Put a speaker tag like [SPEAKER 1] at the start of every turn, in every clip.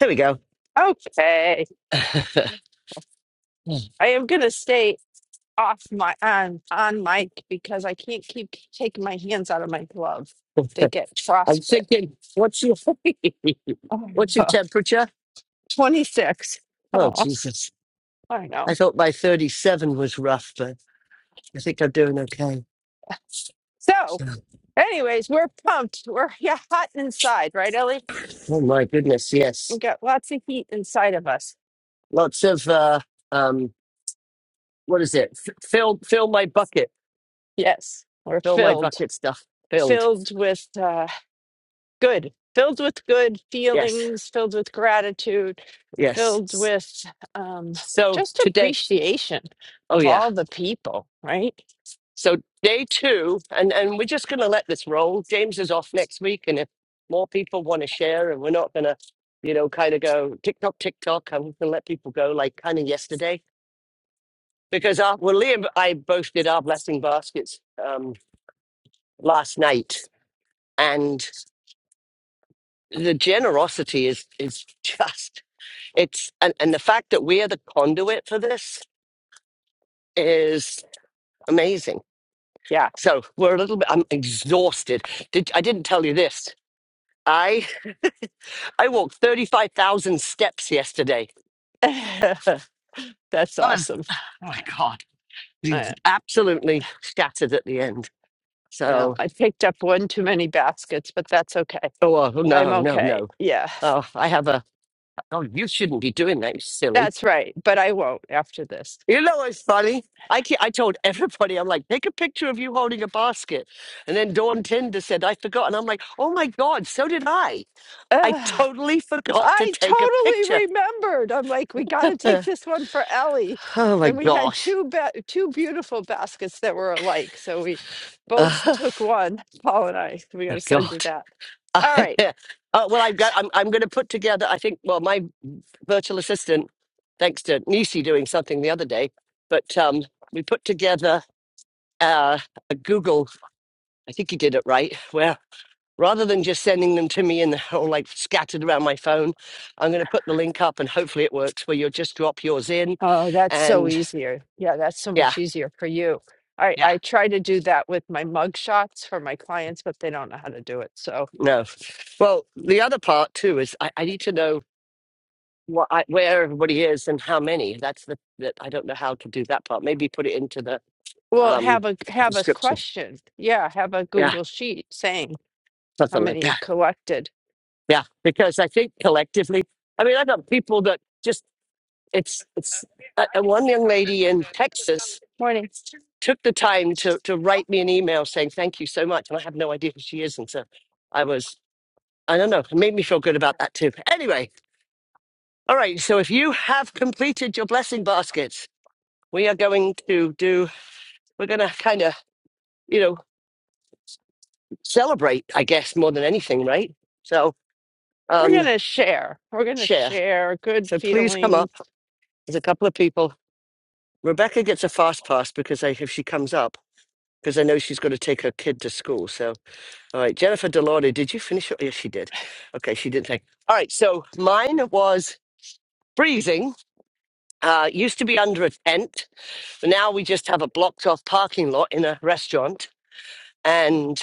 [SPEAKER 1] There we go.
[SPEAKER 2] Okay. I am going to stay off my on on mic because I can't keep taking my hands out of my glove. They get
[SPEAKER 1] I'm
[SPEAKER 2] frostbite.
[SPEAKER 1] thinking, what's your
[SPEAKER 2] Oh,
[SPEAKER 1] what's your temperature?
[SPEAKER 2] Oh, twenty-six.
[SPEAKER 1] Oh
[SPEAKER 2] Oh,
[SPEAKER 1] Jesus!
[SPEAKER 2] I
[SPEAKER 1] I
[SPEAKER 2] know.
[SPEAKER 1] thought my 37 was rough, but I think I'm doing okay.
[SPEAKER 2] So,
[SPEAKER 1] So,
[SPEAKER 2] anyways, we're pumped. We're yeah, hot inside, right, Ellie?
[SPEAKER 1] oh my goodness, yes,
[SPEAKER 2] We've got lots of heat inside of us.
[SPEAKER 1] lots of uh, um, what is it? F- fill fill my bucket,
[SPEAKER 2] Yes, we're
[SPEAKER 1] fill my
[SPEAKER 2] filled,
[SPEAKER 1] bucket stuff filled.
[SPEAKER 2] filled with uh, good, filled with good
[SPEAKER 1] Yes,
[SPEAKER 2] feelings, filled with gratitude filled
[SPEAKER 1] yes.
[SPEAKER 2] with um,
[SPEAKER 1] So
[SPEAKER 2] just
[SPEAKER 1] today,
[SPEAKER 2] appreciation
[SPEAKER 1] oh
[SPEAKER 2] of
[SPEAKER 1] yeah.
[SPEAKER 2] all the people, right?
[SPEAKER 1] So day two, and, and we're just going to let this roll. James is off next week, and if more people want to share, and we're not going to, you know, kind of go TikTok, TikTok, I'm going to let people go like kind of yesterday because our, well, Liam, I both did our blessing baskets um, last night, and the generosity is is just it's and, and the fact that we are the conduit for this is amazing.
[SPEAKER 2] Yeah,
[SPEAKER 1] So we're a little bit. I'm exhausted. Did I didn't tell you this? I. I walked 35,000 steps yesterday.
[SPEAKER 2] that's
[SPEAKER 1] I was,
[SPEAKER 2] awesome.
[SPEAKER 1] oh my God,
[SPEAKER 2] Uh,
[SPEAKER 1] absolutely shattered at the end.
[SPEAKER 2] well,
[SPEAKER 1] So,
[SPEAKER 2] I picked up one too many baskets, but that's okay.
[SPEAKER 1] oh, well, oh
[SPEAKER 2] I'm
[SPEAKER 1] no, no,
[SPEAKER 2] okay.
[SPEAKER 1] no.
[SPEAKER 2] Yeah,
[SPEAKER 1] Oh, I have a, oh, you shouldn't be doing that, you silly.
[SPEAKER 2] that's right. But I won't after this.
[SPEAKER 1] You know what's funny? I, ke- I told everybody, I'm like, take a picture of you holding a basket. And then Dawn Tinder said, I forgot. And I'm like, oh my God, so did I. I
[SPEAKER 2] Ugh,
[SPEAKER 1] totally forgot to
[SPEAKER 2] I
[SPEAKER 1] take a
[SPEAKER 2] totally
[SPEAKER 1] picture.
[SPEAKER 2] remembered. I'm like, we got to take
[SPEAKER 1] Uh,
[SPEAKER 2] this one for Ellie.
[SPEAKER 1] oh my
[SPEAKER 2] And we had
[SPEAKER 1] gosh.
[SPEAKER 2] two ba- two beautiful baskets that were alike. So we both
[SPEAKER 1] Uh,
[SPEAKER 2] took one, Paul and I. We got
[SPEAKER 1] my
[SPEAKER 2] to send
[SPEAKER 1] God.
[SPEAKER 2] you that.
[SPEAKER 1] uh,
[SPEAKER 2] All right.
[SPEAKER 1] well, I'm, go- I'm, I'm going to put together, I think, well, my virtual assistant, thanks to Nisi doing something the other day, but um, we put together uh, a Google, I think you did it right, where rather than just sending them to me and all like scattered around my phone, I'm going to put the link up and hopefully it works where you'll just drop yours in.
[SPEAKER 2] Oh, that's so
[SPEAKER 1] And
[SPEAKER 2] easier. Yeah, that's so
[SPEAKER 1] yeah,
[SPEAKER 2] much easier for you. I
[SPEAKER 1] yeah,
[SPEAKER 2] I try to do that with my mug shots for my clients, but they don't know how to do it. So,
[SPEAKER 1] no. Well, the other part too is I, I need to know what I, where everybody is and how many. That's the that I don't know how to do that part. Maybe put it into the
[SPEAKER 2] well,
[SPEAKER 1] um
[SPEAKER 2] have a have a
[SPEAKER 1] description.
[SPEAKER 2] question. Yeah, have a
[SPEAKER 1] Yeah,
[SPEAKER 2] Google sheet saying how
[SPEAKER 1] something like
[SPEAKER 2] many you
[SPEAKER 1] that.
[SPEAKER 2] collected.
[SPEAKER 1] Yeah, because I think collectively, I mean, I know people that just it's it's uh, uh, one young lady in Texas
[SPEAKER 2] Morning.
[SPEAKER 1] took the time to to write me an email saying thank you so much, and I have no idea who she is, and so I was. I don't know. It made me feel good about that too. Anyway, all right. So if you have completed your blessing baskets, we are going to do. We're going to kind of you know, celebrate, I guess, more than anything, right? So,
[SPEAKER 2] We're
[SPEAKER 1] um,
[SPEAKER 2] gonna share. We're gonna
[SPEAKER 1] share.
[SPEAKER 2] share good
[SPEAKER 1] So please come
[SPEAKER 2] feelings.
[SPEAKER 1] up. There's a couple of people. Rebecca gets a fast pass because I, if she comes up, because I know she's got to take her kid to school. So, all right, Jennifer Delory, did you finish? your- Yes, she did. Okay, she didn't take. All right, so mine was freezing. Uh, used to be under a tent. but Now we just have a blocked off parking lot in a restaurant. and.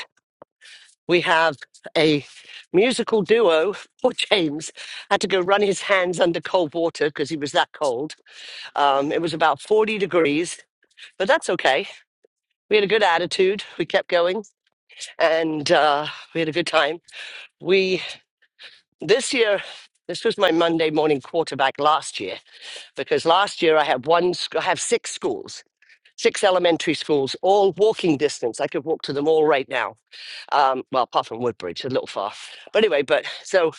[SPEAKER 1] we have a musical duo. Poor James had to go run his hands under cold water because he was that cold. Um, it was about 40 degrees, but that's okay. We had a good attitude. We kept going and uh, we had a good time. We, this year, this was my Monday morning quarterback last year because last year I had one, sc- I have six schools, six elementary schools, all walking distance. I could walk to them all right now Um, well, apart from Woodbridge, a little far. But anyway, but so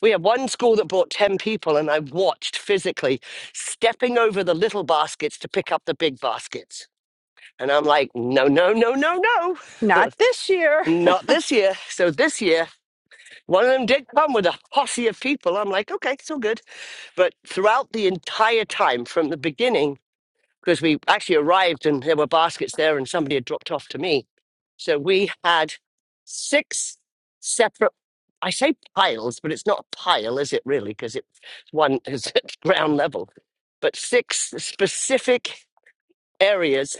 [SPEAKER 1] we had one school that brought 10 people, and I watched physically stepping over the little baskets to pick up the big baskets. And I'm like, no, no, no, no, no,
[SPEAKER 2] Not this year.
[SPEAKER 1] not this year. So this year, one of them did come with a posse of people. I'm like, okay, it's all good. But throughout the entire time, from the beginning, because we actually arrived and there were baskets there and somebody had dropped off to me. So we had six separate I say piles, but it's not a pile, is it really? Because it's one is at ground level. But six specific areas,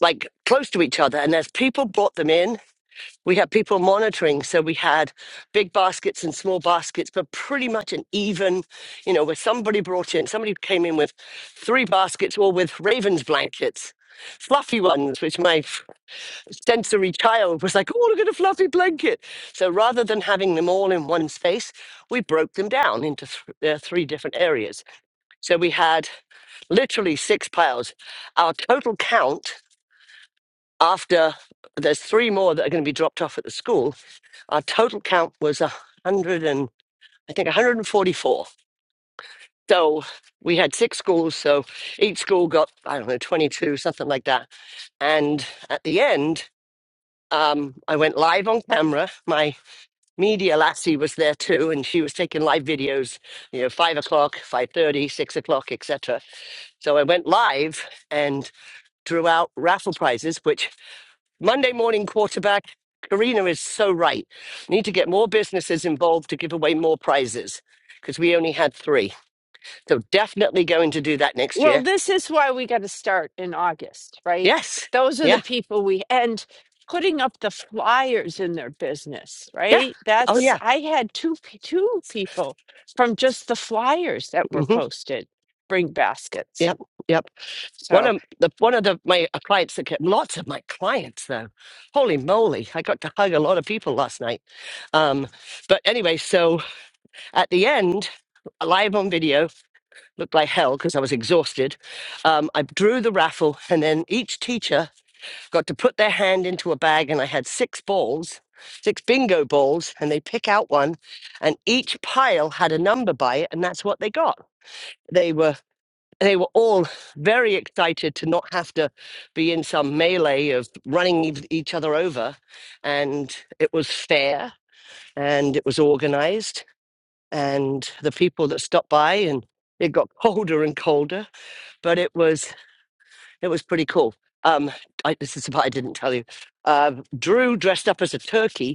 [SPEAKER 1] like close to each other, and as people brought them in, we had people monitoring. So we had big baskets and small baskets, but pretty much an even, you know, where somebody brought in, somebody came in with three baskets, all with ravens blankets, fluffy ones, which my sensory child was like, oh, look at a fluffy blanket. So rather than having them all in one space, we broke them down into th- uh, three different areas. So we had literally six piles. Our total count after there's three more that are going to be dropped off at the school, our total count was a 100 and I think 144. So we had six schools, so each school got, I don't know, 22, something like that. And at the end, um, I went live on camera. My Media Lassie was there too, and she was taking live videos, you know, five o'clock, five thirty, six o'clock, etc. So I went live and drew out raffle prizes. Which Monday morning quarterback, Karina is so right. Need to get more businesses involved to give away more prizes because we only had three. So definitely going to do that next
[SPEAKER 2] Well,
[SPEAKER 1] year.
[SPEAKER 2] this is why we got to start in August, right?
[SPEAKER 1] Yes.
[SPEAKER 2] Those are the
[SPEAKER 1] Yeah.
[SPEAKER 2] people we and putting up the flyers in their business,
[SPEAKER 1] Yeah.
[SPEAKER 2] right?
[SPEAKER 1] Oh
[SPEAKER 2] That's
[SPEAKER 1] yeah.
[SPEAKER 2] I had two pe- two people from just the flyers that were
[SPEAKER 1] hmm
[SPEAKER 2] posted bring baskets.
[SPEAKER 1] Yep. Yep. One
[SPEAKER 2] So,
[SPEAKER 1] of the one of the my uh, clients that kept lots of my clients though. Holy moly, I got to hug a lot of people last night. Um, but anyway, so at the end, live on video looked like hell because I was exhausted. Um, I drew the raffle, and then each teacher got to put their hand into a bag, and I had six balls, six bingo balls, and they pick out one, and each pile had a number by it, and that's what they got. They were they were all very excited to not have to be in some melee of running ev- each other over. And it was fair and it was organized. And the people that stopped by and it got colder and colder, but it was it was pretty cool. Um, I, this is the I didn't tell you. Uh, Drew dressed up as a turkey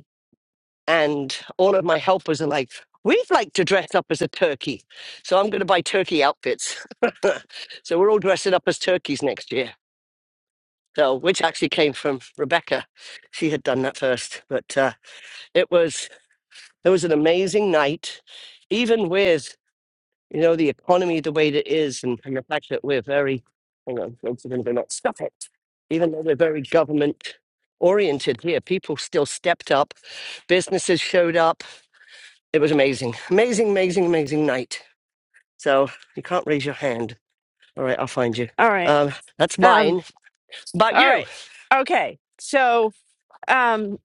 [SPEAKER 1] and all of my helpers are like, we'd like to dress up as a turkey. So I'm going to buy turkey outfits. so we're all dressing up as turkeys next year. So, which actually came from Rebecca. She had done that first, but uh, it was it was an amazing night, even with you know the economy the way that it is, and, and the fact that we're very hang on, folks are going to not stuff it. Even though we're very government oriented here, people still stepped up businesses showed up. It was amazing. Amazing, amazing, amazing night. So you can't raise your hand. All right, I'll find you.
[SPEAKER 2] all right.
[SPEAKER 1] Um, that's
[SPEAKER 2] Um
[SPEAKER 1] mine. About
[SPEAKER 2] all
[SPEAKER 1] you?
[SPEAKER 2] right. Okay. So, um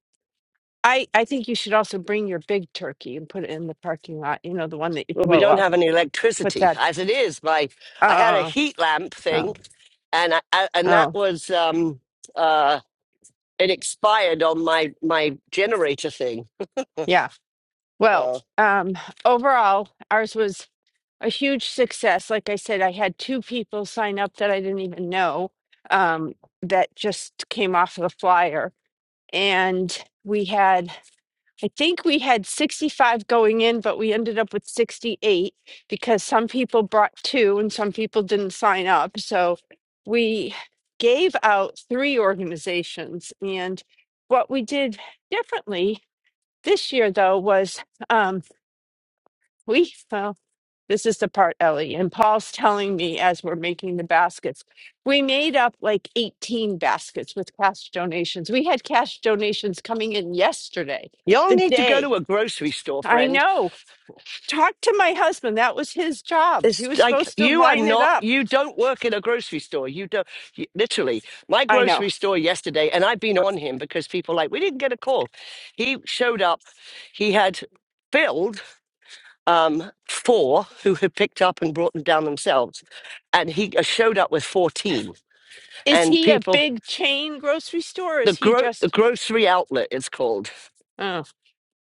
[SPEAKER 2] I I think you should also bring your big turkey and put it in the parking lot, you know, the one that you
[SPEAKER 1] Well, we
[SPEAKER 2] blow
[SPEAKER 1] don't
[SPEAKER 2] up.
[SPEAKER 1] have any
[SPEAKER 2] Put
[SPEAKER 1] electricity
[SPEAKER 2] that
[SPEAKER 1] as it is. My, I had a
[SPEAKER 2] Oh,
[SPEAKER 1] heat lamp thing,
[SPEAKER 2] oh,
[SPEAKER 1] and I, I- and that
[SPEAKER 2] oh.
[SPEAKER 1] was um, uh, it expired on my my generator thing.
[SPEAKER 2] Yeah. Well,
[SPEAKER 1] Uh,
[SPEAKER 2] um, overall, ours was a huge success. Like I said, I had two people sign up that I didn't even know um, that just came off of the flyer. And we had, I think we had 65 going in, but we ended up with 68 because some people brought two and some people didn't sign up. So we gave out three organizations. And what we did differently this year, though, was. Um, we fell. This is the part, Ellie, and Paul's telling me as we're making the baskets. We made up like 18 baskets with cash donations. We had cash donations coming in yesterday,
[SPEAKER 1] y'all
[SPEAKER 2] the
[SPEAKER 1] need to go
[SPEAKER 2] day.
[SPEAKER 1] to a grocery store,
[SPEAKER 2] I
[SPEAKER 1] friend.
[SPEAKER 2] know. Talk to my husband. That was his job. He
[SPEAKER 1] It's
[SPEAKER 2] was
[SPEAKER 1] like
[SPEAKER 2] supposed to
[SPEAKER 1] you are
[SPEAKER 2] line it
[SPEAKER 1] not,
[SPEAKER 2] up.
[SPEAKER 1] you don't work in a grocery store. You don't, you, literally. My
[SPEAKER 2] I know.
[SPEAKER 1] grocery store yesterday, and I've been on him because people like, we didn't get a call. He showed up, he had billed um, four who had picked up and brought them down themselves, and he uh, showed up with 14.
[SPEAKER 2] Is
[SPEAKER 1] And
[SPEAKER 2] he a
[SPEAKER 1] people,
[SPEAKER 2] big chain grocery store? Or
[SPEAKER 1] the,
[SPEAKER 2] is he
[SPEAKER 1] gro- the
[SPEAKER 2] just?
[SPEAKER 1] grocery outlet, it's called.
[SPEAKER 2] uh,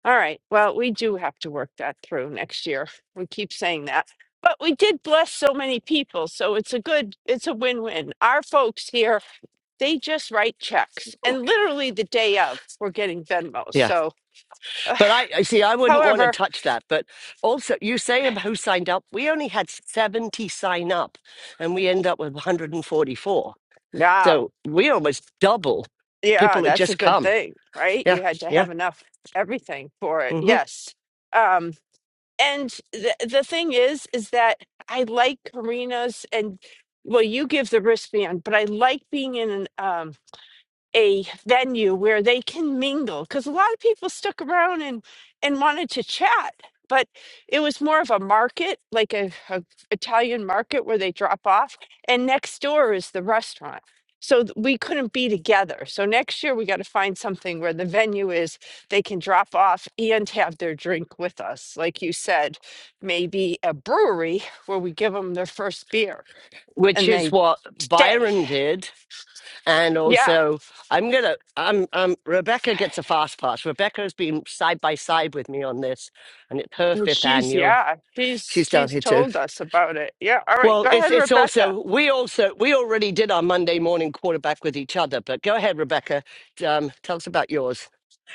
[SPEAKER 2] All right. Well, we do have to work that through next year. We keep saying that. But we did bless so many people, so it's a good it's a win-win. Our folks here, they just write checks and literally the day of, we're getting Venmos.
[SPEAKER 1] Yeah.
[SPEAKER 2] So,
[SPEAKER 1] But I, I see, I wouldn't want to
[SPEAKER 2] however,
[SPEAKER 1] touch that. But also, you say about who signed up. We only had 70 sign up and we end up with 144.
[SPEAKER 2] now,
[SPEAKER 1] So we almost double
[SPEAKER 2] yeah,
[SPEAKER 1] people that
[SPEAKER 2] that's a
[SPEAKER 1] just
[SPEAKER 2] good
[SPEAKER 1] come.
[SPEAKER 2] thing, right?
[SPEAKER 1] Yeah,
[SPEAKER 2] You had to
[SPEAKER 1] yeah.
[SPEAKER 2] have enough everything for it.
[SPEAKER 1] hmm
[SPEAKER 2] Yes. Um and the the thing is is that I like Karina's and well, you give the wristband, but I like being in an um a venue where they can mingle because a lot of people stuck around and and wanted to chat but it was more of a market like a, a italian market where they drop off and next door is the restaurant so th- we couldn't be together so next year we got to find something where the venue is they can drop off and have their drink with us like you said maybe a brewery where we give them their first beer
[SPEAKER 1] Which
[SPEAKER 2] and
[SPEAKER 1] is
[SPEAKER 2] they
[SPEAKER 1] what
[SPEAKER 2] stay
[SPEAKER 1] Byron did. And
[SPEAKER 2] yeah
[SPEAKER 1] also, I'm going to, I'm, I'm, Rebecca gets a fast pass. Rebecca has been side by side with me on this, and it's her
[SPEAKER 2] Well,
[SPEAKER 1] fifth
[SPEAKER 2] she's
[SPEAKER 1] annual.
[SPEAKER 2] yeah, she's
[SPEAKER 1] She's down
[SPEAKER 2] she's
[SPEAKER 1] here too.
[SPEAKER 2] told us about it. Yeah. All right.
[SPEAKER 1] Well,
[SPEAKER 2] Go
[SPEAKER 1] it's
[SPEAKER 2] ahead,
[SPEAKER 1] it's
[SPEAKER 2] Rebecca.
[SPEAKER 1] also we also we already did our Monday morning quarterback with each other. But go ahead, Rebecca. Um, tell us about yours.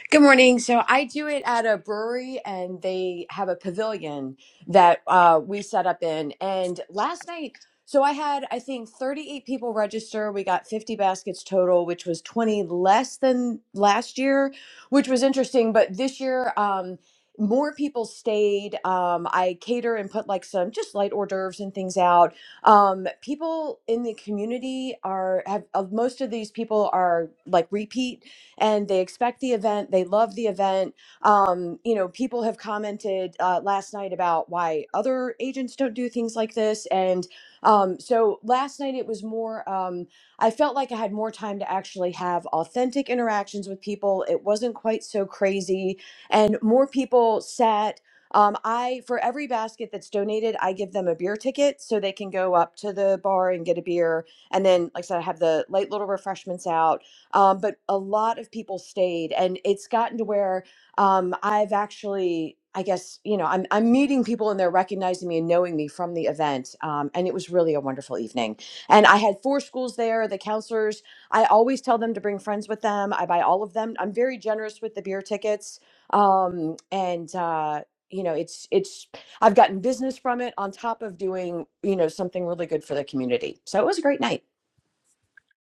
[SPEAKER 3] Good morning. So I do it at a brewery, and they have a pavilion that uh, we set up in. And last night, so I had, I think, 38 people register. We got 50 baskets total, which was 20 less than last year, which was interesting. But this year, um, more people stayed. Um, I cater and put like some just light hors d'oeuvres and things out. Um, people in the community are have uh, most of these people are like repeat and they expect the event. They love the event. Um, you know, people have commented uh, last night about why other agents don't do things like this. And um, so last night it was more, um, I felt like I had more time to actually have authentic interactions with people. It wasn't quite so crazy. And more people sat. Um, I for every basket that's donated, I give them a beer ticket so they can go up to the bar and get a beer. And then, like I said, I have the light little refreshments out um, but a lot of people stayed, and it's gotten to where um, I've actually, I guess, you know, I'm, I'm meeting people and they're recognizing me and knowing me from the event. Um, and it was really a wonderful evening. And I had four schools there. The counselors, I always tell them to bring friends with them. I buy all of them. I'm very generous with the beer tickets. Um, and, uh, you know, it's, it's, I've gotten business from it on top of doing, you know, something really good for the community. So it was a great night.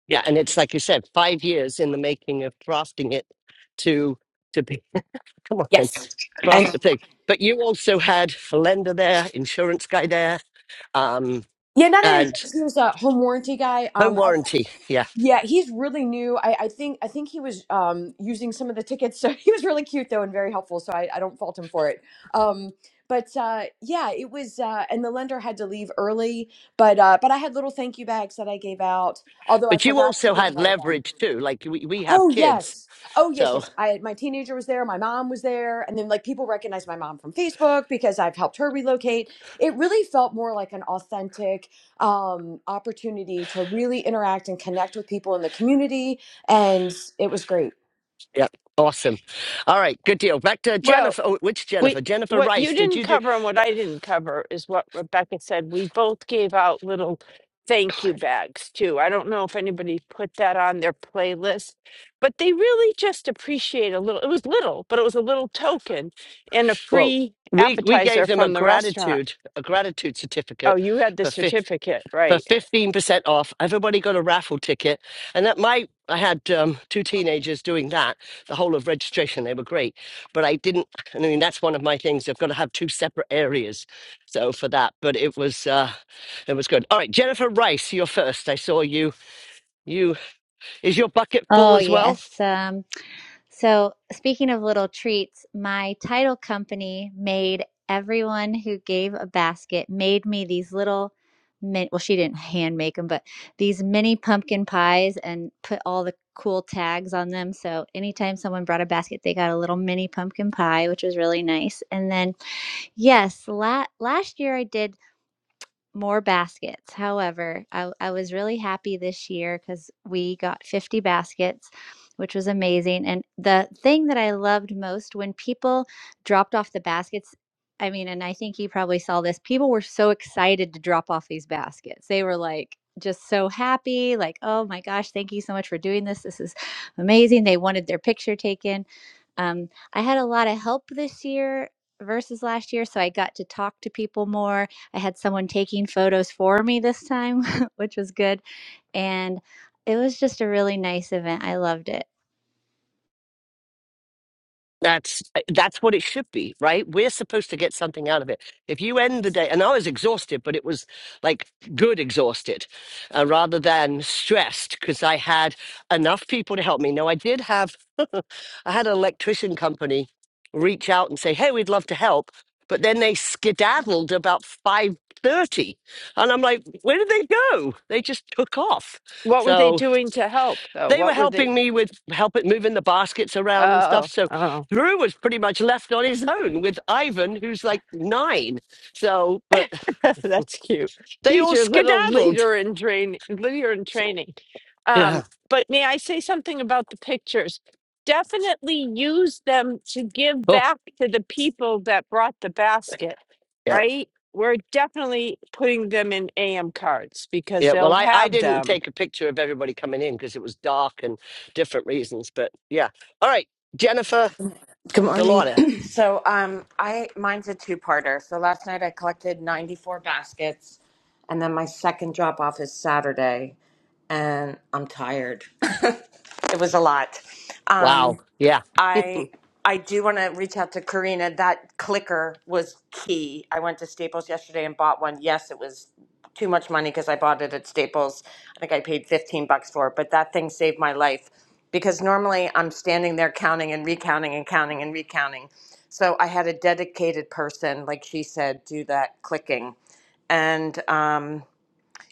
[SPEAKER 1] Yeah, and it's like you said, five years in the making of crafting it to to be. Come on,
[SPEAKER 3] Yes.
[SPEAKER 1] craft the thing. But you also had a lender there, insurance guy there, um,
[SPEAKER 3] Yeah, not an
[SPEAKER 1] and
[SPEAKER 3] insurance. He was a home warranty guy.
[SPEAKER 1] home
[SPEAKER 3] Um, I,
[SPEAKER 1] warranty. Yeah,
[SPEAKER 3] yeah, he's really new. I, I think I think he was um using some of the tickets, so he was really cute though and very helpful. So I, I don't fault him for it. Um, but uh, yeah, it was. Uh, and the lender had to leave early, but uh, but I had little thank you bags that I gave out. Although I
[SPEAKER 1] but you
[SPEAKER 3] forgot to
[SPEAKER 1] also
[SPEAKER 3] give a
[SPEAKER 1] had
[SPEAKER 3] lot of them.
[SPEAKER 1] leverage too. Like we we have
[SPEAKER 3] Oh
[SPEAKER 1] kids,
[SPEAKER 3] yes. Oh yes,
[SPEAKER 1] so
[SPEAKER 3] yes. I my teenager was there, my mom was there, and then like people recognized my mom from Facebook because I've helped her relocate. It really felt more like an authentic um opportunity to really interact and connect with people in the community and it was great.
[SPEAKER 1] yeah, awesome. All right, good deal. Back to
[SPEAKER 2] Well,
[SPEAKER 1] Jennifer. Oh, which
[SPEAKER 2] we
[SPEAKER 1] Jennifer? Jennifer
[SPEAKER 2] what you
[SPEAKER 1] Rice. Did
[SPEAKER 2] didn't
[SPEAKER 1] you do
[SPEAKER 2] cover and what I didn't cover is what Rebecca said. We both gave out little thank you bags too. I don't know if anybody put that on their playlist, but they really just appreciate a little. It was little, but it was a little token and a
[SPEAKER 1] Well,
[SPEAKER 2] free
[SPEAKER 1] we we gave
[SPEAKER 2] appetizer
[SPEAKER 1] them a
[SPEAKER 2] from the restaurant.
[SPEAKER 1] gratitude a gratitude
[SPEAKER 2] Oh,
[SPEAKER 1] certificate
[SPEAKER 2] you had the
[SPEAKER 1] for fi-
[SPEAKER 2] certificate,
[SPEAKER 1] for
[SPEAKER 2] right?
[SPEAKER 1] fifteen percent off. Everybody got a raffle ticket, and that my I had um, two teenagers doing that the whole of registration. They were great, but I didn't. I mean, that's one of my things. I've got to have two separate areas, so for that. But it was uh, it was good. All right, Jennifer Rice, you're first. I saw you. You is your bucket full
[SPEAKER 4] Oh,
[SPEAKER 1] as well?
[SPEAKER 4] yes. Um, so, speaking of little treats, my title company made everyone who gave a basket made me these little min well, she didn't hand make them, but these mini pumpkin pies and put all the cool tags on them. So, anytime someone brought a basket, they got a little mini pumpkin pie, which was really nice. And then, yes, la- last year I did more baskets. However, I, I was really happy this year because we got 50 baskets, which was amazing. And the thing that I loved most when people dropped off the baskets, I mean, and I think you probably saw this, people were so excited to drop off these baskets. They were like, just so happy, like, oh my gosh, thank you so much for doing this. This is amazing. They wanted their picture taken. Um, I had a lot of help this year versus last year, so I got to talk to people more I had someone taking photos for me this time, which was good. And it was just a really nice event. I loved it.
[SPEAKER 1] That's eh, that's what it should be, right? We're supposed to get something out of it. If you end the day, and I was exhausted, but it was like good exhausted, uh, rather than stressed, because I had enough people to help me. Now I did have, I had an electrician company reach out and say, "Hey, we'd love to help," but then they skedaddled about five thirty, and I'm like, "Where did they go? They just took off."
[SPEAKER 2] What were they
[SPEAKER 1] So
[SPEAKER 2] doing to help though?
[SPEAKER 1] they were
[SPEAKER 2] What were they?
[SPEAKER 1] helping me with helping moving the baskets around and stuff.
[SPEAKER 2] Oh,
[SPEAKER 1] So
[SPEAKER 2] oh.
[SPEAKER 1] Drew was pretty much left on his own with Ivan, who's like nine. So, but
[SPEAKER 2] That's cute.
[SPEAKER 1] they
[SPEAKER 2] He's
[SPEAKER 1] all
[SPEAKER 2] your little
[SPEAKER 1] skedaddled.
[SPEAKER 2] leader in train leader in training. Um,
[SPEAKER 1] Yeah.
[SPEAKER 2] but may I say something about the pictures? Definitely use them to give
[SPEAKER 1] Oh,
[SPEAKER 2] back to the people that brought the basket,
[SPEAKER 1] yeah.
[SPEAKER 2] right? We're definitely putting them in AM cards because
[SPEAKER 1] Yeah. Well,
[SPEAKER 2] they'll
[SPEAKER 1] I, I
[SPEAKER 2] have
[SPEAKER 1] didn't
[SPEAKER 2] them.
[SPEAKER 1] take a picture of everybody coming in because it was dark and different reasons. But yeah. All right. Jennifer
[SPEAKER 5] Good morning.
[SPEAKER 1] Delauder.
[SPEAKER 5] So, um, I mine's a two-parter. So last night I collected 94 baskets, and then my second drop off is Saturday, and I'm tired. It was a lot.
[SPEAKER 1] Wow.
[SPEAKER 5] Um,
[SPEAKER 1] Yeah.
[SPEAKER 5] I I do want to reach out to Karina. That clicker was key. I went to Staples yesterday and bought one. Yes, it was too much money because I bought it at Staples. I think I paid 15 bucks for it, but that thing saved my life because normally I'm standing there counting and recounting and counting and recounting. So I had a dedicated person, like she said, do that clicking. And um,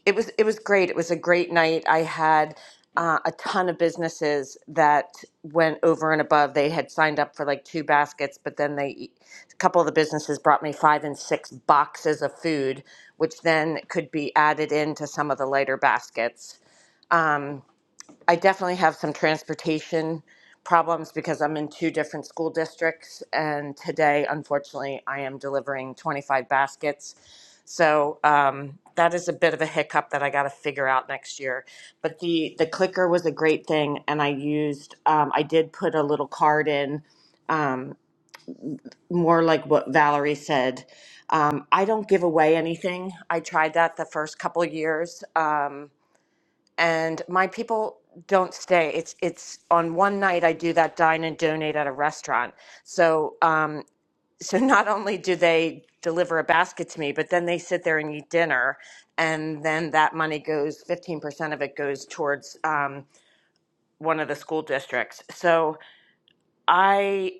[SPEAKER 5] it was it was great. It was a great night. I had uh, a ton of businesses that went over and above. They had signed up for like two baskets, but then they e, a couple of the businesses brought me five and six boxes of food, which then could be added into some of the lighter baskets. Um, I definitely have some transportation problems because I'm in two different school districts. And today, unfortunately, I am delivering 25 baskets. So um, that is a bit of a hiccup that I got to figure out next year. But the, the clicker was a great thing. And I used, um, I did put a little card in, um, more like what Valerie said. Um, I don't give away anything. I tried that the first couple years. Um, and my people don't stay. It's it's on one night I do that dine and donate at a restaurant. So um so not only do they deliver a basket to me, but then they sit there and eat dinner, and then that money goes fifteen percent of it goes towards um one of the school districts. So I.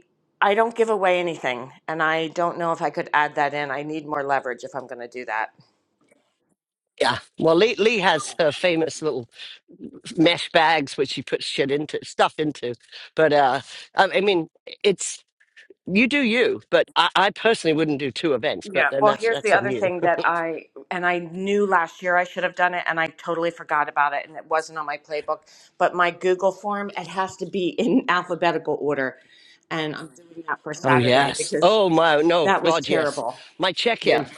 [SPEAKER 5] I don't give away anything, and I don't know if I could add that in. I need more leverage if I'm going to do that.
[SPEAKER 1] Yeah. Well, Lee, Lee has her famous little mesh bags, which she puts shit into, stuff into. But uh, I, I mean, it's You do you, but I, I personally wouldn't do two events. But
[SPEAKER 5] Yeah.
[SPEAKER 1] then
[SPEAKER 5] Well,
[SPEAKER 1] that's
[SPEAKER 5] here's the
[SPEAKER 1] that's on
[SPEAKER 5] other
[SPEAKER 1] you.
[SPEAKER 5] thing that I and I knew last year I should have done it and I totally forgot about it and it wasn't on my playbook, but my Google form it has to be in alphabetical order and I'm doing that for
[SPEAKER 1] Oh
[SPEAKER 5] Saturday
[SPEAKER 1] yes.
[SPEAKER 5] because
[SPEAKER 1] Oh my. No
[SPEAKER 5] that was
[SPEAKER 1] God. Yes.
[SPEAKER 5] terrible.
[SPEAKER 1] My check-in.
[SPEAKER 5] Yeah.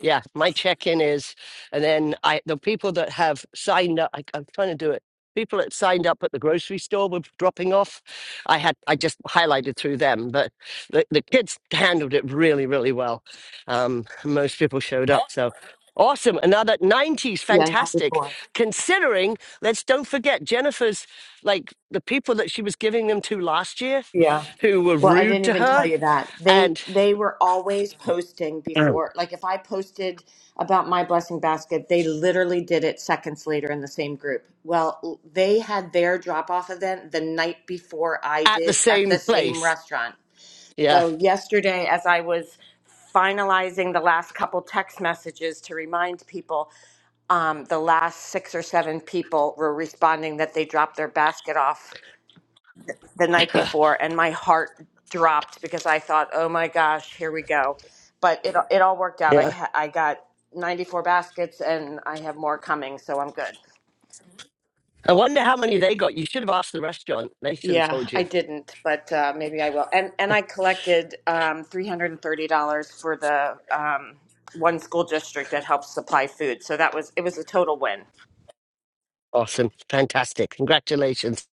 [SPEAKER 1] Yeah, my check-in is, and then I the people that have signed up. I, I'm trying to do it. People that signed up at the grocery store were dropping off. I had I just highlighted through them, but the, the kids handled it really, really well. Um, most people showed up, so awesome. Another '90s,
[SPEAKER 5] Yeah,
[SPEAKER 1] fantastic.
[SPEAKER 5] 94.
[SPEAKER 1] Considering, let's don't forget Jennifer's like the people that she was giving them to last year,
[SPEAKER 5] Yeah.
[SPEAKER 1] who were
[SPEAKER 5] Well, I
[SPEAKER 1] rude
[SPEAKER 5] didn't
[SPEAKER 1] to
[SPEAKER 5] even tell
[SPEAKER 1] her,
[SPEAKER 5] you that. They
[SPEAKER 1] and
[SPEAKER 5] they were always posting
[SPEAKER 1] Oh.
[SPEAKER 5] before like if I posted about my blessing basket, they literally did it seconds later in the same group. Well, l- they had their drop-off event the night before I
[SPEAKER 1] at the
[SPEAKER 5] did at
[SPEAKER 1] same
[SPEAKER 5] the same
[SPEAKER 1] place.
[SPEAKER 5] restaurant.
[SPEAKER 1] Yeah.
[SPEAKER 5] So yesterday as I was finalizing the last couple text messages to remind people, um, the last six or seven people were responding that they dropped their basket off the night before and my heart dropped because I thought, "Oh my gosh, here we go." But it it all worked out. I
[SPEAKER 1] Yeah.
[SPEAKER 5] ha- I got 94 baskets and I have more coming, so I'm good.
[SPEAKER 1] I wonder how many they got. You should have asked the restaurant. They should have
[SPEAKER 5] Yeah,
[SPEAKER 1] told
[SPEAKER 5] I
[SPEAKER 1] you.
[SPEAKER 5] didn't, but uh, maybe I will. And and I collected um, $330 for the um, one school district that helps supply food. So that was it was a total win.
[SPEAKER 1] Awesome. Fantastic. Congratulations.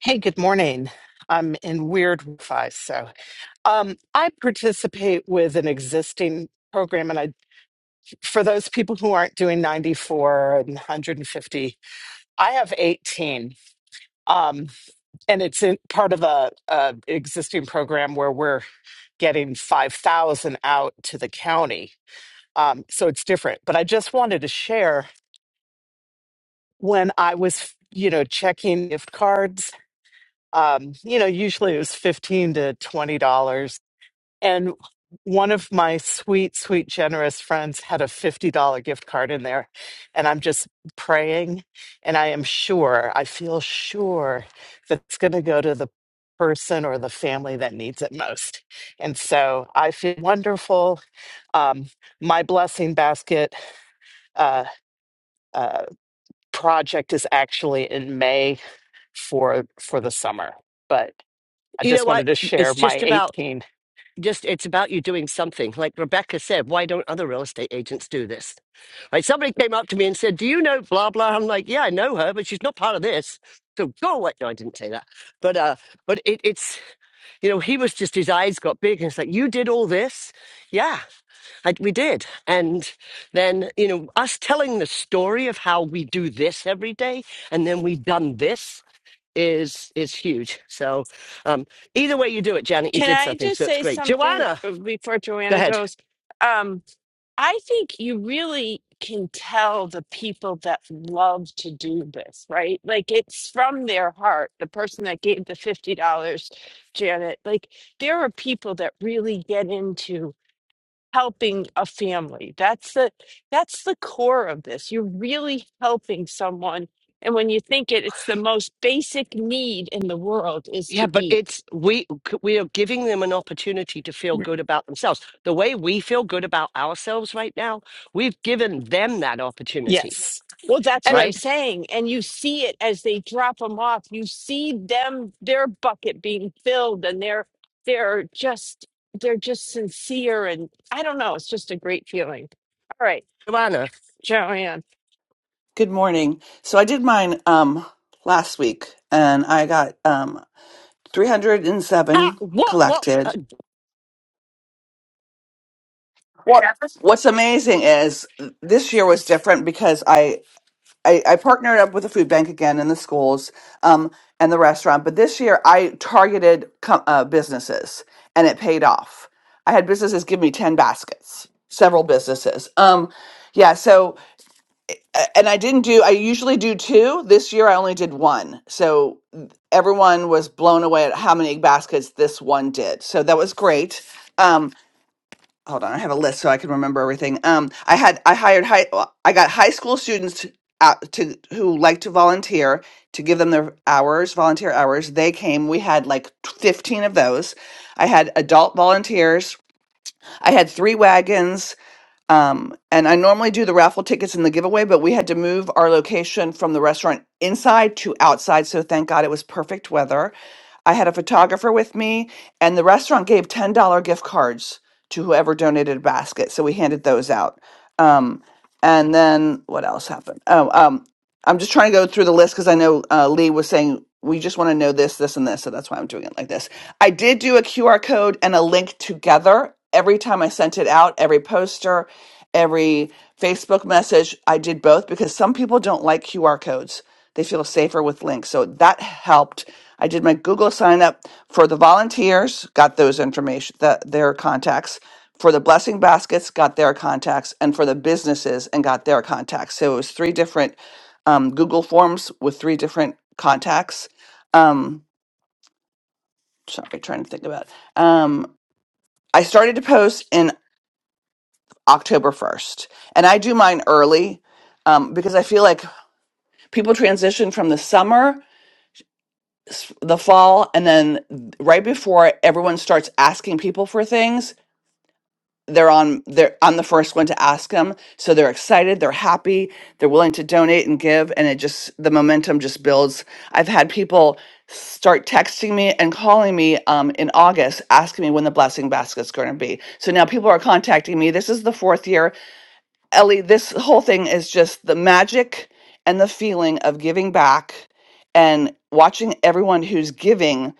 [SPEAKER 6] Hey, good morning. I'm in weird Wi-Fi, so um, I participate with an existing program, and I for those people who aren't doing 94 and 150, I have 18, um, and it's in part of a, a existing program where we're getting 5,000 out to the county, um, so it's different. But I just wanted to share when I was, you know, checking gift cards. Um, you know, usually it was fifteen to twenty dollars And one of my sweet, sweet, generous friends had a $50 gift card in there. And I'm just praying. And I am sure, I feel sure that it's going to go to the person or the family that needs it most. And so I feel wonderful. Um, my blessing basket uh, uh, project is actually in May for for the summer. But I
[SPEAKER 1] You know
[SPEAKER 6] just
[SPEAKER 1] what?
[SPEAKER 6] wanted to
[SPEAKER 1] It's
[SPEAKER 6] share my
[SPEAKER 1] just about
[SPEAKER 6] 18.
[SPEAKER 1] just it's about you doing something. Like Rebecca said, why don't other real estate agents do this? Right? Somebody came up to me and said, Do you know blah blah? I'm like, Yeah, I know her, but she's not part of this. So go away. No, I didn't say that. But uh but it, it's you know, he was just his eyes got big and it's like, You did all this? Yeah. I, we did. And then, you know, us telling the story of how we do this every day and then we done this is is huge. So um either way you do it, Janet, you
[SPEAKER 2] Can
[SPEAKER 1] did
[SPEAKER 2] I
[SPEAKER 1] something.
[SPEAKER 2] just
[SPEAKER 1] So it's
[SPEAKER 2] say
[SPEAKER 1] great.
[SPEAKER 2] something
[SPEAKER 1] Joanna,
[SPEAKER 2] uh, before
[SPEAKER 1] go
[SPEAKER 2] Joanna
[SPEAKER 1] ahead.
[SPEAKER 2] goes? Um, I think you really can tell the people that love to do this, right? Like it's from their heart. The person that gave the $50, Janet, like there are people that really get into helping a family. That's the that's the core of this. You're really helping someone. And when you think it, it's the most basic need in the world is
[SPEAKER 1] Yeah,
[SPEAKER 2] to
[SPEAKER 1] but
[SPEAKER 2] eat.
[SPEAKER 1] it's we we are giving them an opportunity to feel good about themselves. The way we feel good about ourselves right now, we've given them that opportunity,
[SPEAKER 6] Yes.
[SPEAKER 2] Well, that's
[SPEAKER 6] and.
[SPEAKER 2] what I'm
[SPEAKER 1] right?
[SPEAKER 2] saying. And you see it as they drop them off. You see them, their bucket being filled, and they're they're just they're just sincere. And I don't know. It's just a great feeling. All right,
[SPEAKER 1] Joanna,
[SPEAKER 2] Joanne.
[SPEAKER 7] Good morning. So I did mine um last week and I got um
[SPEAKER 1] how,
[SPEAKER 7] 307
[SPEAKER 1] what what?
[SPEAKER 7] collected. What What's amazing is this year was different because I I, I partnered up with the food bank again and the schools um and the restaurant, but this year I targeted com- uh, businesses and it paid off. I had businesses give me 10 baskets, several businesses. Um yeah, so a- and I didn't do I usually do two. This year I only did one. So everyone was blown away at how many baskets this one did. So that was great. Um hold on, I have a list so I can remember everything. Um I had I hired high well, I got high school students out to who like to volunteer to give them their hours, volunteer hours. They came. We had like 15 of those. I had adult volunteers. I had three wagons um, and I normally do the raffle tickets and the giveaway, but we had to move our location from the restaurant inside to outside. So thank God it was perfect weather. I had a photographer with me, and the restaurant gave $10 gift cards to whoever donated a basket. So we handed those out. Um, and then what else happened? Oh, um, I'm just trying to go through the list because I know uh, Lee was saying we just want to know this, this, and this. So that's why I'm doing it like this. I did do a QR code and a link together every time I sent it out, every poster, every Facebook message. I did both because some people don't like QR codes, they feel safer with links. So that helped. I did my Google sign up for the volunteers, got those information, the, their contacts. For the blessing baskets, got their contacts, and for the businesses, and got their contacts. So it was three different um, Google Forms with three different contacts. Um, sorry, trying to think about. it. Um, I started to post in October first, and I do mine early um, because I feel like people transition from the summer, s- the fall, and then right before it, everyone starts asking people for things. they're on they're I'm the first one to ask them. So they're excited, they're happy, they're willing to donate and give, and it just the momentum just builds. I've had people start texting me and calling me um, in August asking me when the blessing basket's going to be. So now people are contacting me. This is the fourth year. Ellie, this whole thing is just the magic and the feeling of giving back and watching everyone who's giving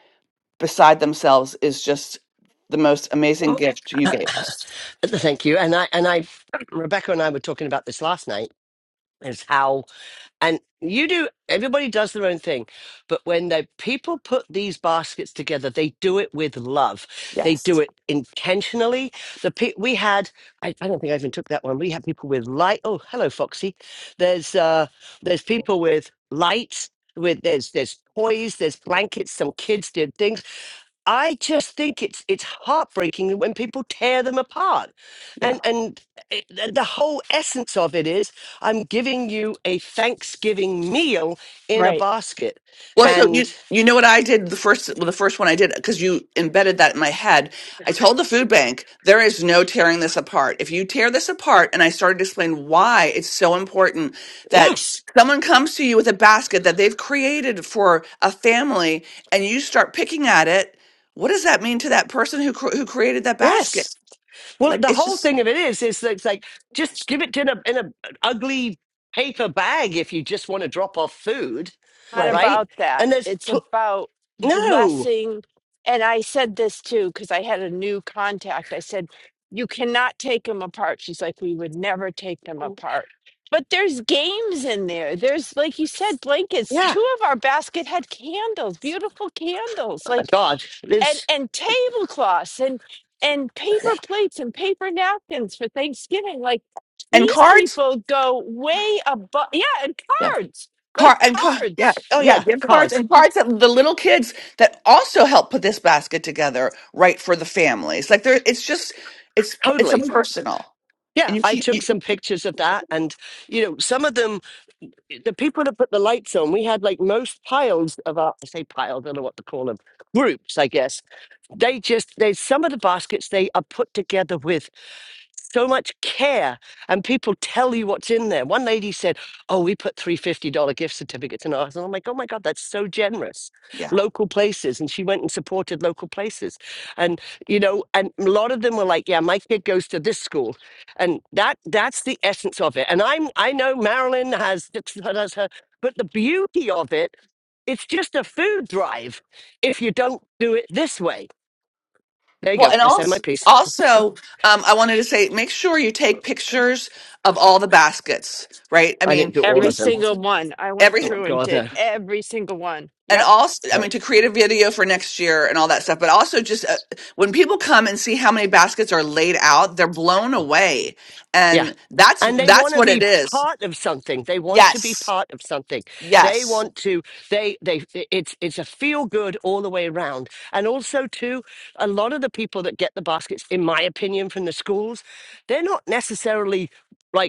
[SPEAKER 7] beside themselves is just the most amazing
[SPEAKER 1] Well,
[SPEAKER 7] gift you gave us.
[SPEAKER 1] Thank you. And I and I Rebecca and I were talking about this last night is how and you do everybody does their own thing but when the people put these baskets together they do it with love they do it intentionally the pe- we had I, I don't think i even took that one we had people with light oh hello foxy there's uh there's people with lights with there's there's toys there's blankets some kids did things I just think it's it's heartbreaking when people tear them apart, and and it, the the whole essence of it is I'm giving you a Thanksgiving meal in a
[SPEAKER 2] Right.
[SPEAKER 1] basket,
[SPEAKER 7] Well,
[SPEAKER 2] but.
[SPEAKER 7] so
[SPEAKER 1] and
[SPEAKER 7] you you know what I did the first well, the first one I did because you embedded that in my head. I told the food bank there is no tearing this apart. If you tear this apart, and I started to explain why it's so important that
[SPEAKER 1] yes,
[SPEAKER 7] someone comes to you with a basket that they've created for a family, and you start picking at it. What does that mean to that person who cr- who created that basket?
[SPEAKER 1] yes. Well,
[SPEAKER 7] Like
[SPEAKER 1] the
[SPEAKER 7] it's
[SPEAKER 1] whole
[SPEAKER 7] just
[SPEAKER 1] thing of it is is that it's like just give it in a in a an ugly paper bag if you just want to drop off food,
[SPEAKER 2] not
[SPEAKER 7] Right.
[SPEAKER 1] right?
[SPEAKER 2] about that.
[SPEAKER 1] And there's
[SPEAKER 2] It's
[SPEAKER 1] pl-
[SPEAKER 2] about
[SPEAKER 1] no,
[SPEAKER 2] blessing. And I said this too, because I had a new contact. I said, You cannot take them apart. She's like, We would never take them apart. But there's games in there. There's, like you said, blankets.
[SPEAKER 1] yeah,
[SPEAKER 2] Two of our basket had candles, beautiful candles,
[SPEAKER 1] oh my
[SPEAKER 2] like,
[SPEAKER 1] God,
[SPEAKER 2] and,
[SPEAKER 1] there's
[SPEAKER 2] and tablecloths and, and
[SPEAKER 7] yeah.
[SPEAKER 2] paper plates and paper napkins for Thanksgiving. Like,
[SPEAKER 7] And
[SPEAKER 2] these
[SPEAKER 7] cards.
[SPEAKER 2] people go way above. Yeah, and cards like
[SPEAKER 7] Car and car, yeah,
[SPEAKER 2] cards.
[SPEAKER 1] oh
[SPEAKER 7] yeah,
[SPEAKER 1] yeah,
[SPEAKER 7] gift cards
[SPEAKER 1] cards,
[SPEAKER 7] and cards that the little kids that also help put this basket together, right for the families. Like there, it's just, it's it's a
[SPEAKER 1] totally.
[SPEAKER 7] personal,
[SPEAKER 1] Yeah,
[SPEAKER 7] and you
[SPEAKER 1] I
[SPEAKER 7] keep, you,
[SPEAKER 1] took some pictures of that. And, you know, some of them, the people that put the lights on, we had like most piles of our, I say pile, I don't know what to call them, groups, I guess. They just, they, some of the baskets they are put together with so much care and people tell you what's in there. One lady said, Oh, we put $350 gift certificates in ours. And I'm like, Oh my God, that's so generous.
[SPEAKER 7] yeah.
[SPEAKER 1] Local places. And she went and supported local places. And, you know, and a lot of them were like, Yeah, my kid goes to this school. And that that's the essence of it. And I'm I know Marilyn has has her, but the beauty of it, it's just a food drive if you don't do it this way. There you
[SPEAKER 7] Well,
[SPEAKER 1] go.
[SPEAKER 7] and
[SPEAKER 1] I said my
[SPEAKER 7] also,
[SPEAKER 1] piece.
[SPEAKER 7] also, um, I wanted to say, make sure you take pictures of all the baskets, right? I
[SPEAKER 1] I didn't
[SPEAKER 7] mean,
[SPEAKER 1] do all
[SPEAKER 2] Every
[SPEAKER 1] of
[SPEAKER 7] because
[SPEAKER 1] them.
[SPEAKER 2] single one. I went
[SPEAKER 1] Oh
[SPEAKER 7] every
[SPEAKER 1] my
[SPEAKER 2] through and
[SPEAKER 1] God,
[SPEAKER 2] did
[SPEAKER 1] no.
[SPEAKER 2] every single one.
[SPEAKER 7] and
[SPEAKER 2] Yep.
[SPEAKER 7] also i mean to create a video for next year and all that stuff but also just uh, when people come and see how many baskets are laid out they're blown away
[SPEAKER 1] Yeah.
[SPEAKER 7] and that's
[SPEAKER 1] And they want
[SPEAKER 7] that's
[SPEAKER 1] to
[SPEAKER 7] what it
[SPEAKER 1] be
[SPEAKER 7] is
[SPEAKER 1] part of something. They want to be
[SPEAKER 7] yes
[SPEAKER 1] part of something. They
[SPEAKER 7] yes
[SPEAKER 1] want to they they it's it's a feel good all the way around. And also too, a lot of the people that get the baskets in my opinion from the schools, they're not necessarily like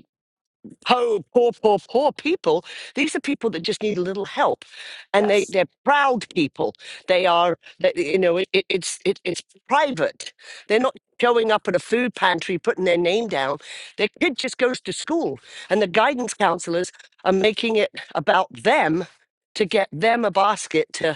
[SPEAKER 1] poor, poor, poor, poor people. These are people that just need a little help, and they
[SPEAKER 7] yes
[SPEAKER 1] they're proud people. They are, that- you know, it, it- it's it, it's private. They're not showing up at a food pantry putting their name down. Their kid just goes to school, and the guidance counselors are making it about them to get them a basket. To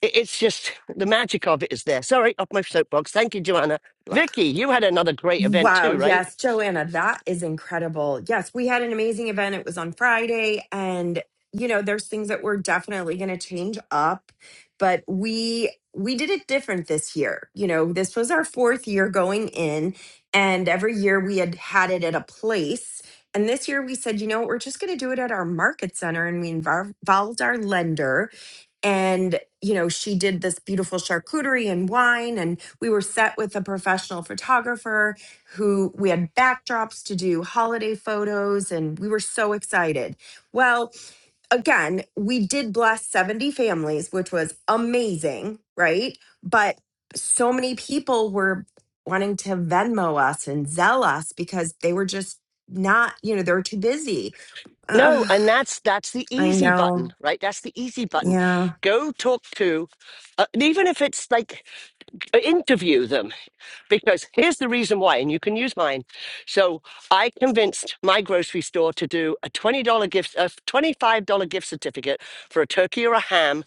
[SPEAKER 1] it, it's just the magic of it is there. Sorry, off my soapbox. Thank you, Joanna. Vicky, you had another great event
[SPEAKER 8] Wow.
[SPEAKER 1] too, right?
[SPEAKER 8] Yes, Joanna, that is incredible. Yes, we had an amazing event. It was on Friday. And, you know, there's things that we're definitely going to change up, but we, we did it different this year. You know, this was our fourth year going in, and every year we had had it at a place. And this year we said, you know, we're just going to do it at our market center. And we involved involved our lender and you know she did this beautiful charcuterie and wine and we were set with a professional photographer who we had backdrops to do holiday photos and we were so excited well again we did bless 70 families which was amazing right but so many people were wanting to venmo us and Zelle us because they were just not you know they were too busy
[SPEAKER 1] No,
[SPEAKER 8] Ugh,
[SPEAKER 1] and that's that's the
[SPEAKER 8] i
[SPEAKER 1] easy button,
[SPEAKER 8] know
[SPEAKER 1] right? That's the easy button.
[SPEAKER 8] yeah
[SPEAKER 1] Go talk to, uh, and even if it's like uh, interview them, because here's the reason why, and you can use mine. So I convinced my grocery store to do a twenty dollar gift, a twenty five dollar gift certificate for a turkey or a ham,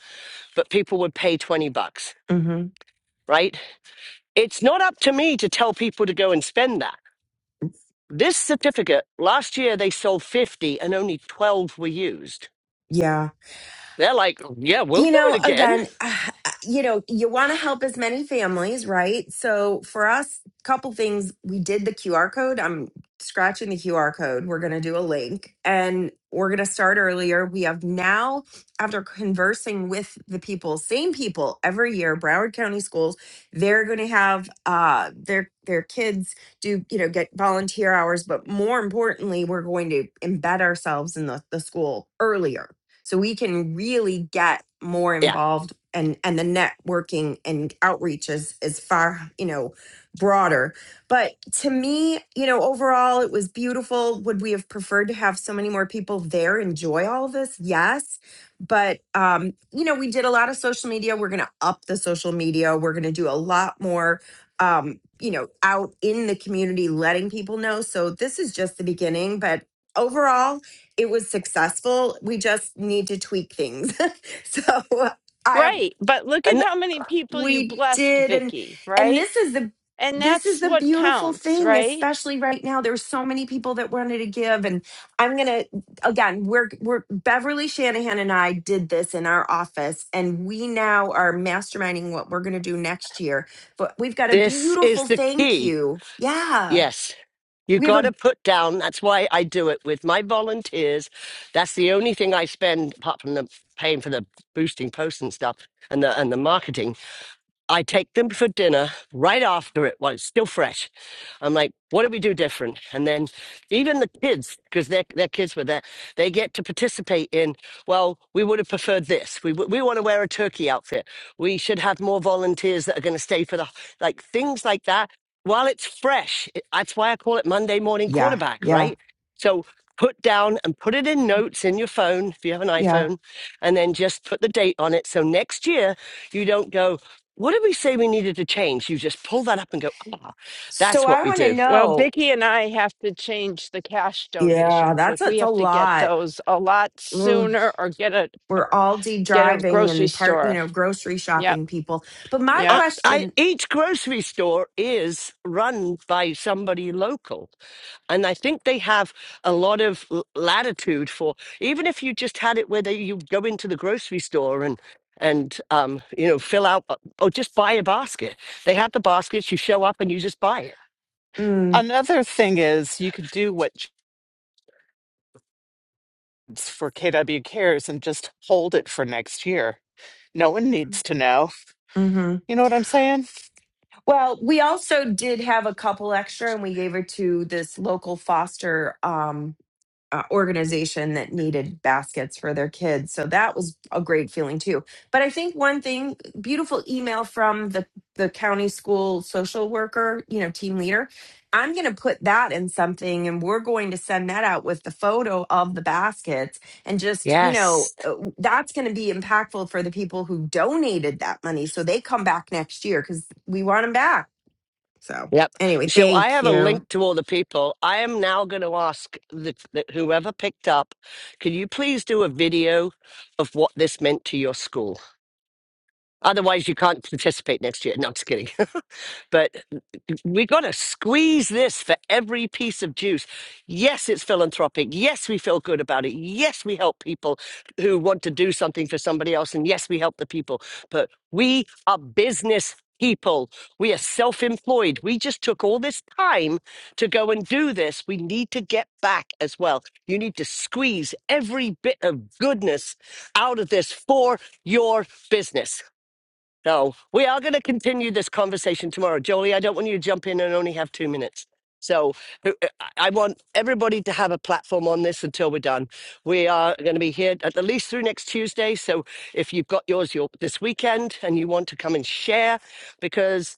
[SPEAKER 1] but people would pay twenty bucks,
[SPEAKER 8] hmm
[SPEAKER 1] right? It's not up to me to tell people to go and spend that. This certificate, last year they sold 50 and only 12 were used.
[SPEAKER 8] yeah
[SPEAKER 1] They're like, yeah, we'll
[SPEAKER 8] you
[SPEAKER 1] do it
[SPEAKER 8] know
[SPEAKER 1] again.
[SPEAKER 8] again uh, you know you want to help as many families right so for us couple things we did the qr code i'm scratching the qr code we're going to do a link and we're going to start earlier we have now after conversing with the people same people every year broward county schools they're going to have uh their their kids do you know get volunteer hours but more importantly we're going to embed ourselves in the, the school earlier so we can really get more
[SPEAKER 1] Yeah.
[SPEAKER 8] involved and and the networking and outreach is is far you know broader but to me you know overall it was beautiful would we have preferred to have so many more people there enjoy all of this yes but um you know we did a lot of social media we're going to up the social media we're going to do a lot more um you know out in the community letting people know so this is just the beginning but overall it was successful. We just need to tweak things. so uh, I
[SPEAKER 2] Right. But look at
[SPEAKER 1] And
[SPEAKER 2] how many people you
[SPEAKER 8] we
[SPEAKER 2] blessed,
[SPEAKER 8] did and
[SPEAKER 2] Vicky,
[SPEAKER 8] and
[SPEAKER 2] right?
[SPEAKER 8] this is the
[SPEAKER 2] And
[SPEAKER 8] this is
[SPEAKER 2] that's
[SPEAKER 8] the
[SPEAKER 2] what
[SPEAKER 8] beautiful
[SPEAKER 2] counts,
[SPEAKER 8] thing,
[SPEAKER 2] right?
[SPEAKER 8] especially right now. There's so many people that wanted to give. And I'm gonna again, we're we're Beverly Shanahan and I did this in our office, and we now are masterminding what we're gonna do next year. But we've got a
[SPEAKER 1] this is
[SPEAKER 8] beautiful
[SPEAKER 1] the
[SPEAKER 8] thank
[SPEAKER 1] key.
[SPEAKER 8] you. Yeah.
[SPEAKER 1] Yes. You
[SPEAKER 8] We have
[SPEAKER 1] got
[SPEAKER 8] a
[SPEAKER 1] to put down. That's why I do it with my volunteers. That's the only thing I spend apart from the paying for the boosting posts and stuff and the and the marketing. I take them for dinner right after it while it's still fresh I'm like, what do we do different? And then even the kids, because their their kids were there, they get to participate in. Well, we would have preferred this. We w- we want to wear a turkey outfit. We should have more volunteers that are going to stay for the like things like that. While it's fresh, it, that's why I call it Monday morning
[SPEAKER 8] yeah,
[SPEAKER 1] quarterback,
[SPEAKER 8] yeah,
[SPEAKER 1] right? So put down and put it in notes in your phone if you have an
[SPEAKER 8] yeah.
[SPEAKER 1] iPhone, and then just put the date on it. So next year you don't go. What did we say we needed to change? You just pull that up and go. "Ah,
[SPEAKER 8] So
[SPEAKER 1] that's what
[SPEAKER 8] I
[SPEAKER 1] we
[SPEAKER 8] want to
[SPEAKER 1] do.
[SPEAKER 2] Well,
[SPEAKER 8] know.
[SPEAKER 2] Vicky and I have to change the cash
[SPEAKER 8] Yeah,
[SPEAKER 2] donations.
[SPEAKER 8] that's
[SPEAKER 2] Like we
[SPEAKER 8] it's a
[SPEAKER 2] have to get
[SPEAKER 8] lot.
[SPEAKER 2] those a lot
[SPEAKER 8] Ugh.
[SPEAKER 2] sooner or get a
[SPEAKER 8] We're Aldi
[SPEAKER 2] get a
[SPEAKER 8] driving
[SPEAKER 2] grocery
[SPEAKER 8] and part, you
[SPEAKER 2] store.
[SPEAKER 8] know, grocery
[SPEAKER 2] Yep.
[SPEAKER 8] shopping people. But my
[SPEAKER 2] Yep.
[SPEAKER 1] I, I,
[SPEAKER 8] question,
[SPEAKER 1] each grocery store is run by somebody local. And I think they have a lot of l- latitude for, even if you just had it where they, you go into the grocery store and, and um, you know, fill out uh, or just buy a basket. They have the baskets, you show up and you just buy it.
[SPEAKER 8] mm,
[SPEAKER 6] Another thing is you could do what jobs for KW Cares and just hold it for next year. No one needs to know.
[SPEAKER 8] hmm
[SPEAKER 6] You know what I'm saying?
[SPEAKER 8] well, we also did have a couple extra, and we gave it to this local foster. Um, uh, organization that needed baskets for their kids. So that was a great feeling too. But I think one thing, beautiful email from the the county school social worker, you know, team leader. I'm going to put that in something and we're going to send that out with the photo of the baskets and just, you know,
[SPEAKER 1] Yes.
[SPEAKER 8] uh, that's going to be impactful for the people who donated that money so they come back next year cuz we want them back. So,
[SPEAKER 1] Yep.
[SPEAKER 8] anyway,
[SPEAKER 1] So I
[SPEAKER 8] thank
[SPEAKER 1] have a
[SPEAKER 8] you.
[SPEAKER 1] link to all the people. I am now going to ask the, the, whoever picked up, can you please do a video of what this meant to your school? Otherwise, you can't participate next year. No, I'm just kidding. but we got to squeeze this for every piece of juice. Yes, it's philanthropic. Yes, we feel good about it. Yes, we help people who want to do something for somebody else. And yes, we help the people. But we are business people. We are self employed. We just took all this time to go and do this. We need to get back as well. You need to squeeze every bit of goodness out of this for your business. No, we are going to continue this conversation tomorrow. Jolie, I don't want you to jump in and only have two minutes. So uh, uh, I I want everybody to have a platform on this until we're done. We are going to be here at the least through next Tuesday. So if you've got yours your, this weekend and you want to come and share, because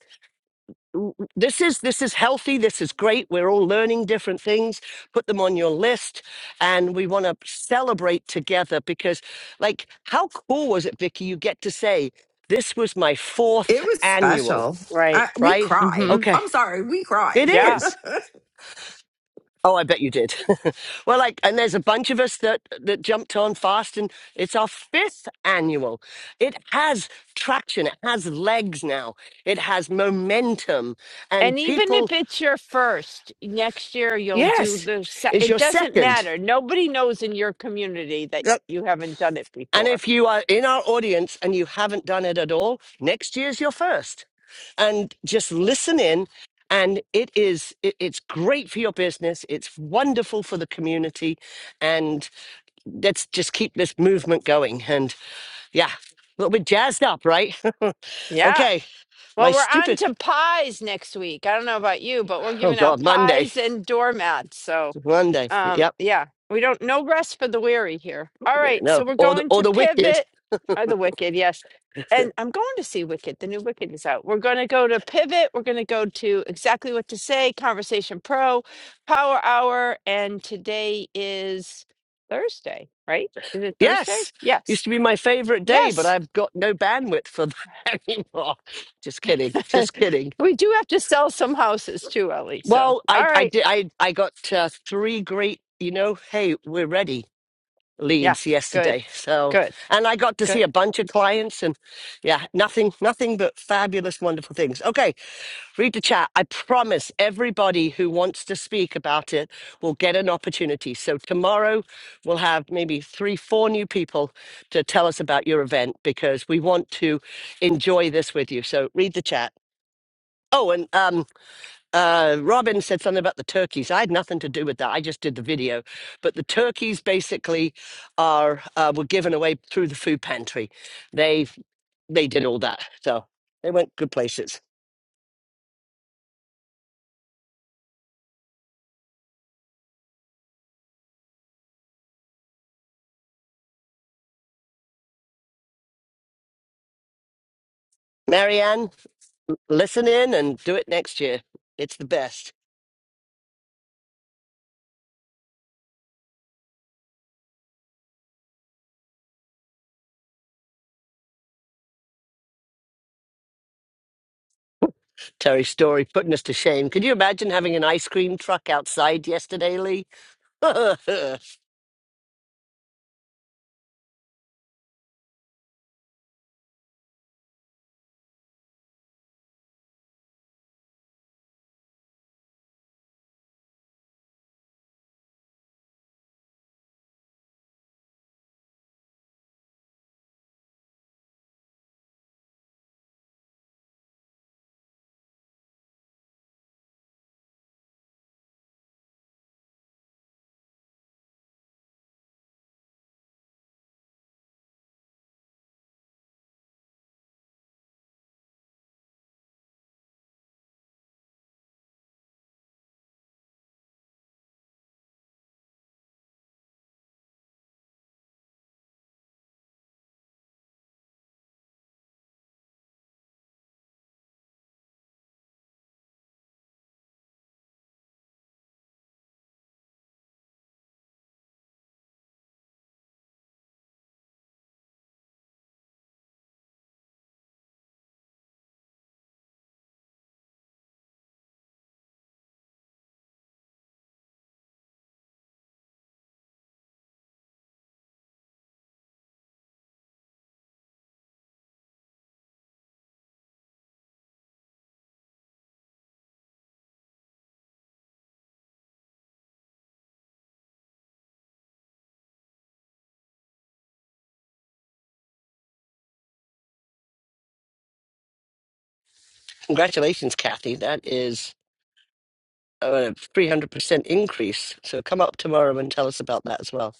[SPEAKER 1] w- w- this is this is healthy this is great we're all learning different things put them on your list and we want to celebrate together because like how cool was it vicky you get to say this was my
[SPEAKER 8] It
[SPEAKER 1] fourth
[SPEAKER 8] was
[SPEAKER 1] annual
[SPEAKER 8] special.
[SPEAKER 2] Right.
[SPEAKER 8] I, we
[SPEAKER 1] right
[SPEAKER 8] cried.
[SPEAKER 2] Mhm.
[SPEAKER 1] okay
[SPEAKER 8] I'm sorry, we
[SPEAKER 1] it
[SPEAKER 8] cried.
[SPEAKER 2] Yeah.
[SPEAKER 1] is oh i bet you did well like and there's a bunch of us that that jumped on fast and it's our fifth annual it has traction it has legs now it has momentum and
[SPEAKER 2] And even
[SPEAKER 1] people
[SPEAKER 2] if it's your first, next year you'll do
[SPEAKER 1] Yes,
[SPEAKER 2] the, se-
[SPEAKER 1] it's
[SPEAKER 2] it
[SPEAKER 1] your
[SPEAKER 2] doesn't
[SPEAKER 1] second.
[SPEAKER 2] matter. Nobody knows in your community that
[SPEAKER 1] Yep.
[SPEAKER 2] you haven't done it
[SPEAKER 1] And
[SPEAKER 2] before.
[SPEAKER 1] if you are in our audience and you haven't done it at all, next year's your first. And just listen in. And it is, it, it's great for your business. It's wonderful for the community. And let's just keep this movement going. And yeah, a little bit jazzed up, right?
[SPEAKER 2] Yeah.
[SPEAKER 1] okay.
[SPEAKER 2] Well,
[SPEAKER 1] My
[SPEAKER 2] we're on
[SPEAKER 1] stupid,
[SPEAKER 2] to pies next week. I don't know about you, but we're
[SPEAKER 1] oh
[SPEAKER 2] giving out
[SPEAKER 1] God, Monday,
[SPEAKER 2] pies and doormats. So.
[SPEAKER 1] Monday.
[SPEAKER 2] Um,
[SPEAKER 1] Yep.
[SPEAKER 2] yeah, we don't no rest for the weary here. All right, so
[SPEAKER 1] No,
[SPEAKER 2] we're
[SPEAKER 1] or the,
[SPEAKER 2] going
[SPEAKER 1] or
[SPEAKER 2] to
[SPEAKER 1] the wicked.
[SPEAKER 2] pivot. Or the Wicked, yes. And I'm going to see Wicked. The new Wicked is out. We're going to go to Pivot. We're going to go to Exactly What to Say, Conversation Pro, Power Hour, and today is Thursday, right? Is it Thursday?
[SPEAKER 1] Yes,
[SPEAKER 2] Yes.
[SPEAKER 1] used to be my favorite day, but
[SPEAKER 2] Yes.
[SPEAKER 1] I've got no bandwidth for that anymore. Just kidding, just kidding.
[SPEAKER 2] we do have to sell some houses too, Ellie. So,
[SPEAKER 1] Well, I
[SPEAKER 2] all
[SPEAKER 1] I
[SPEAKER 2] right.
[SPEAKER 1] did I I got uh, three great. You know, hey, we're ready
[SPEAKER 2] Yeah,
[SPEAKER 1] leads
[SPEAKER 2] good.
[SPEAKER 1] yesterday. So,
[SPEAKER 2] Good.
[SPEAKER 1] and I got to see
[SPEAKER 2] Good.
[SPEAKER 1] a bunch of clients and yeah, nothing, nothing but fabulous, wonderful things. Okay. Read the chat. I promise everybody who wants to speak about it will get an opportunity. So tomorrow we'll have maybe three, four new people to tell us about your event because we want to enjoy this with you. So read the chat. Oh, and um, uh, Robin said something about the turkeys. I had nothing to do with that. I just did the video, but the turkeys basically are uh, were given away through the food pantry. They they did all that, so they went good places. Marianne, listen in and do it next year. It's the best. Terry Story putting us to shame. Could you imagine having an ice cream truck outside yesterday, Lee? Congratulations, Kathy. That is a 300% increase. So come up tomorrow and tell us about that as well.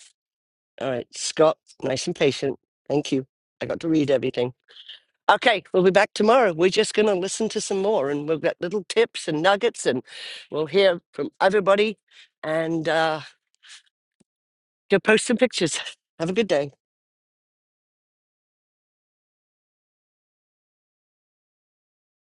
[SPEAKER 1] All right, Scott, nice and patient. Thank you. I got to read everything. Okay, we'll be back tomorrow. We're just going to listen to some more and we'll get little tips and nuggets and we'll hear from everybody and uh, go post some pictures. Have a good day.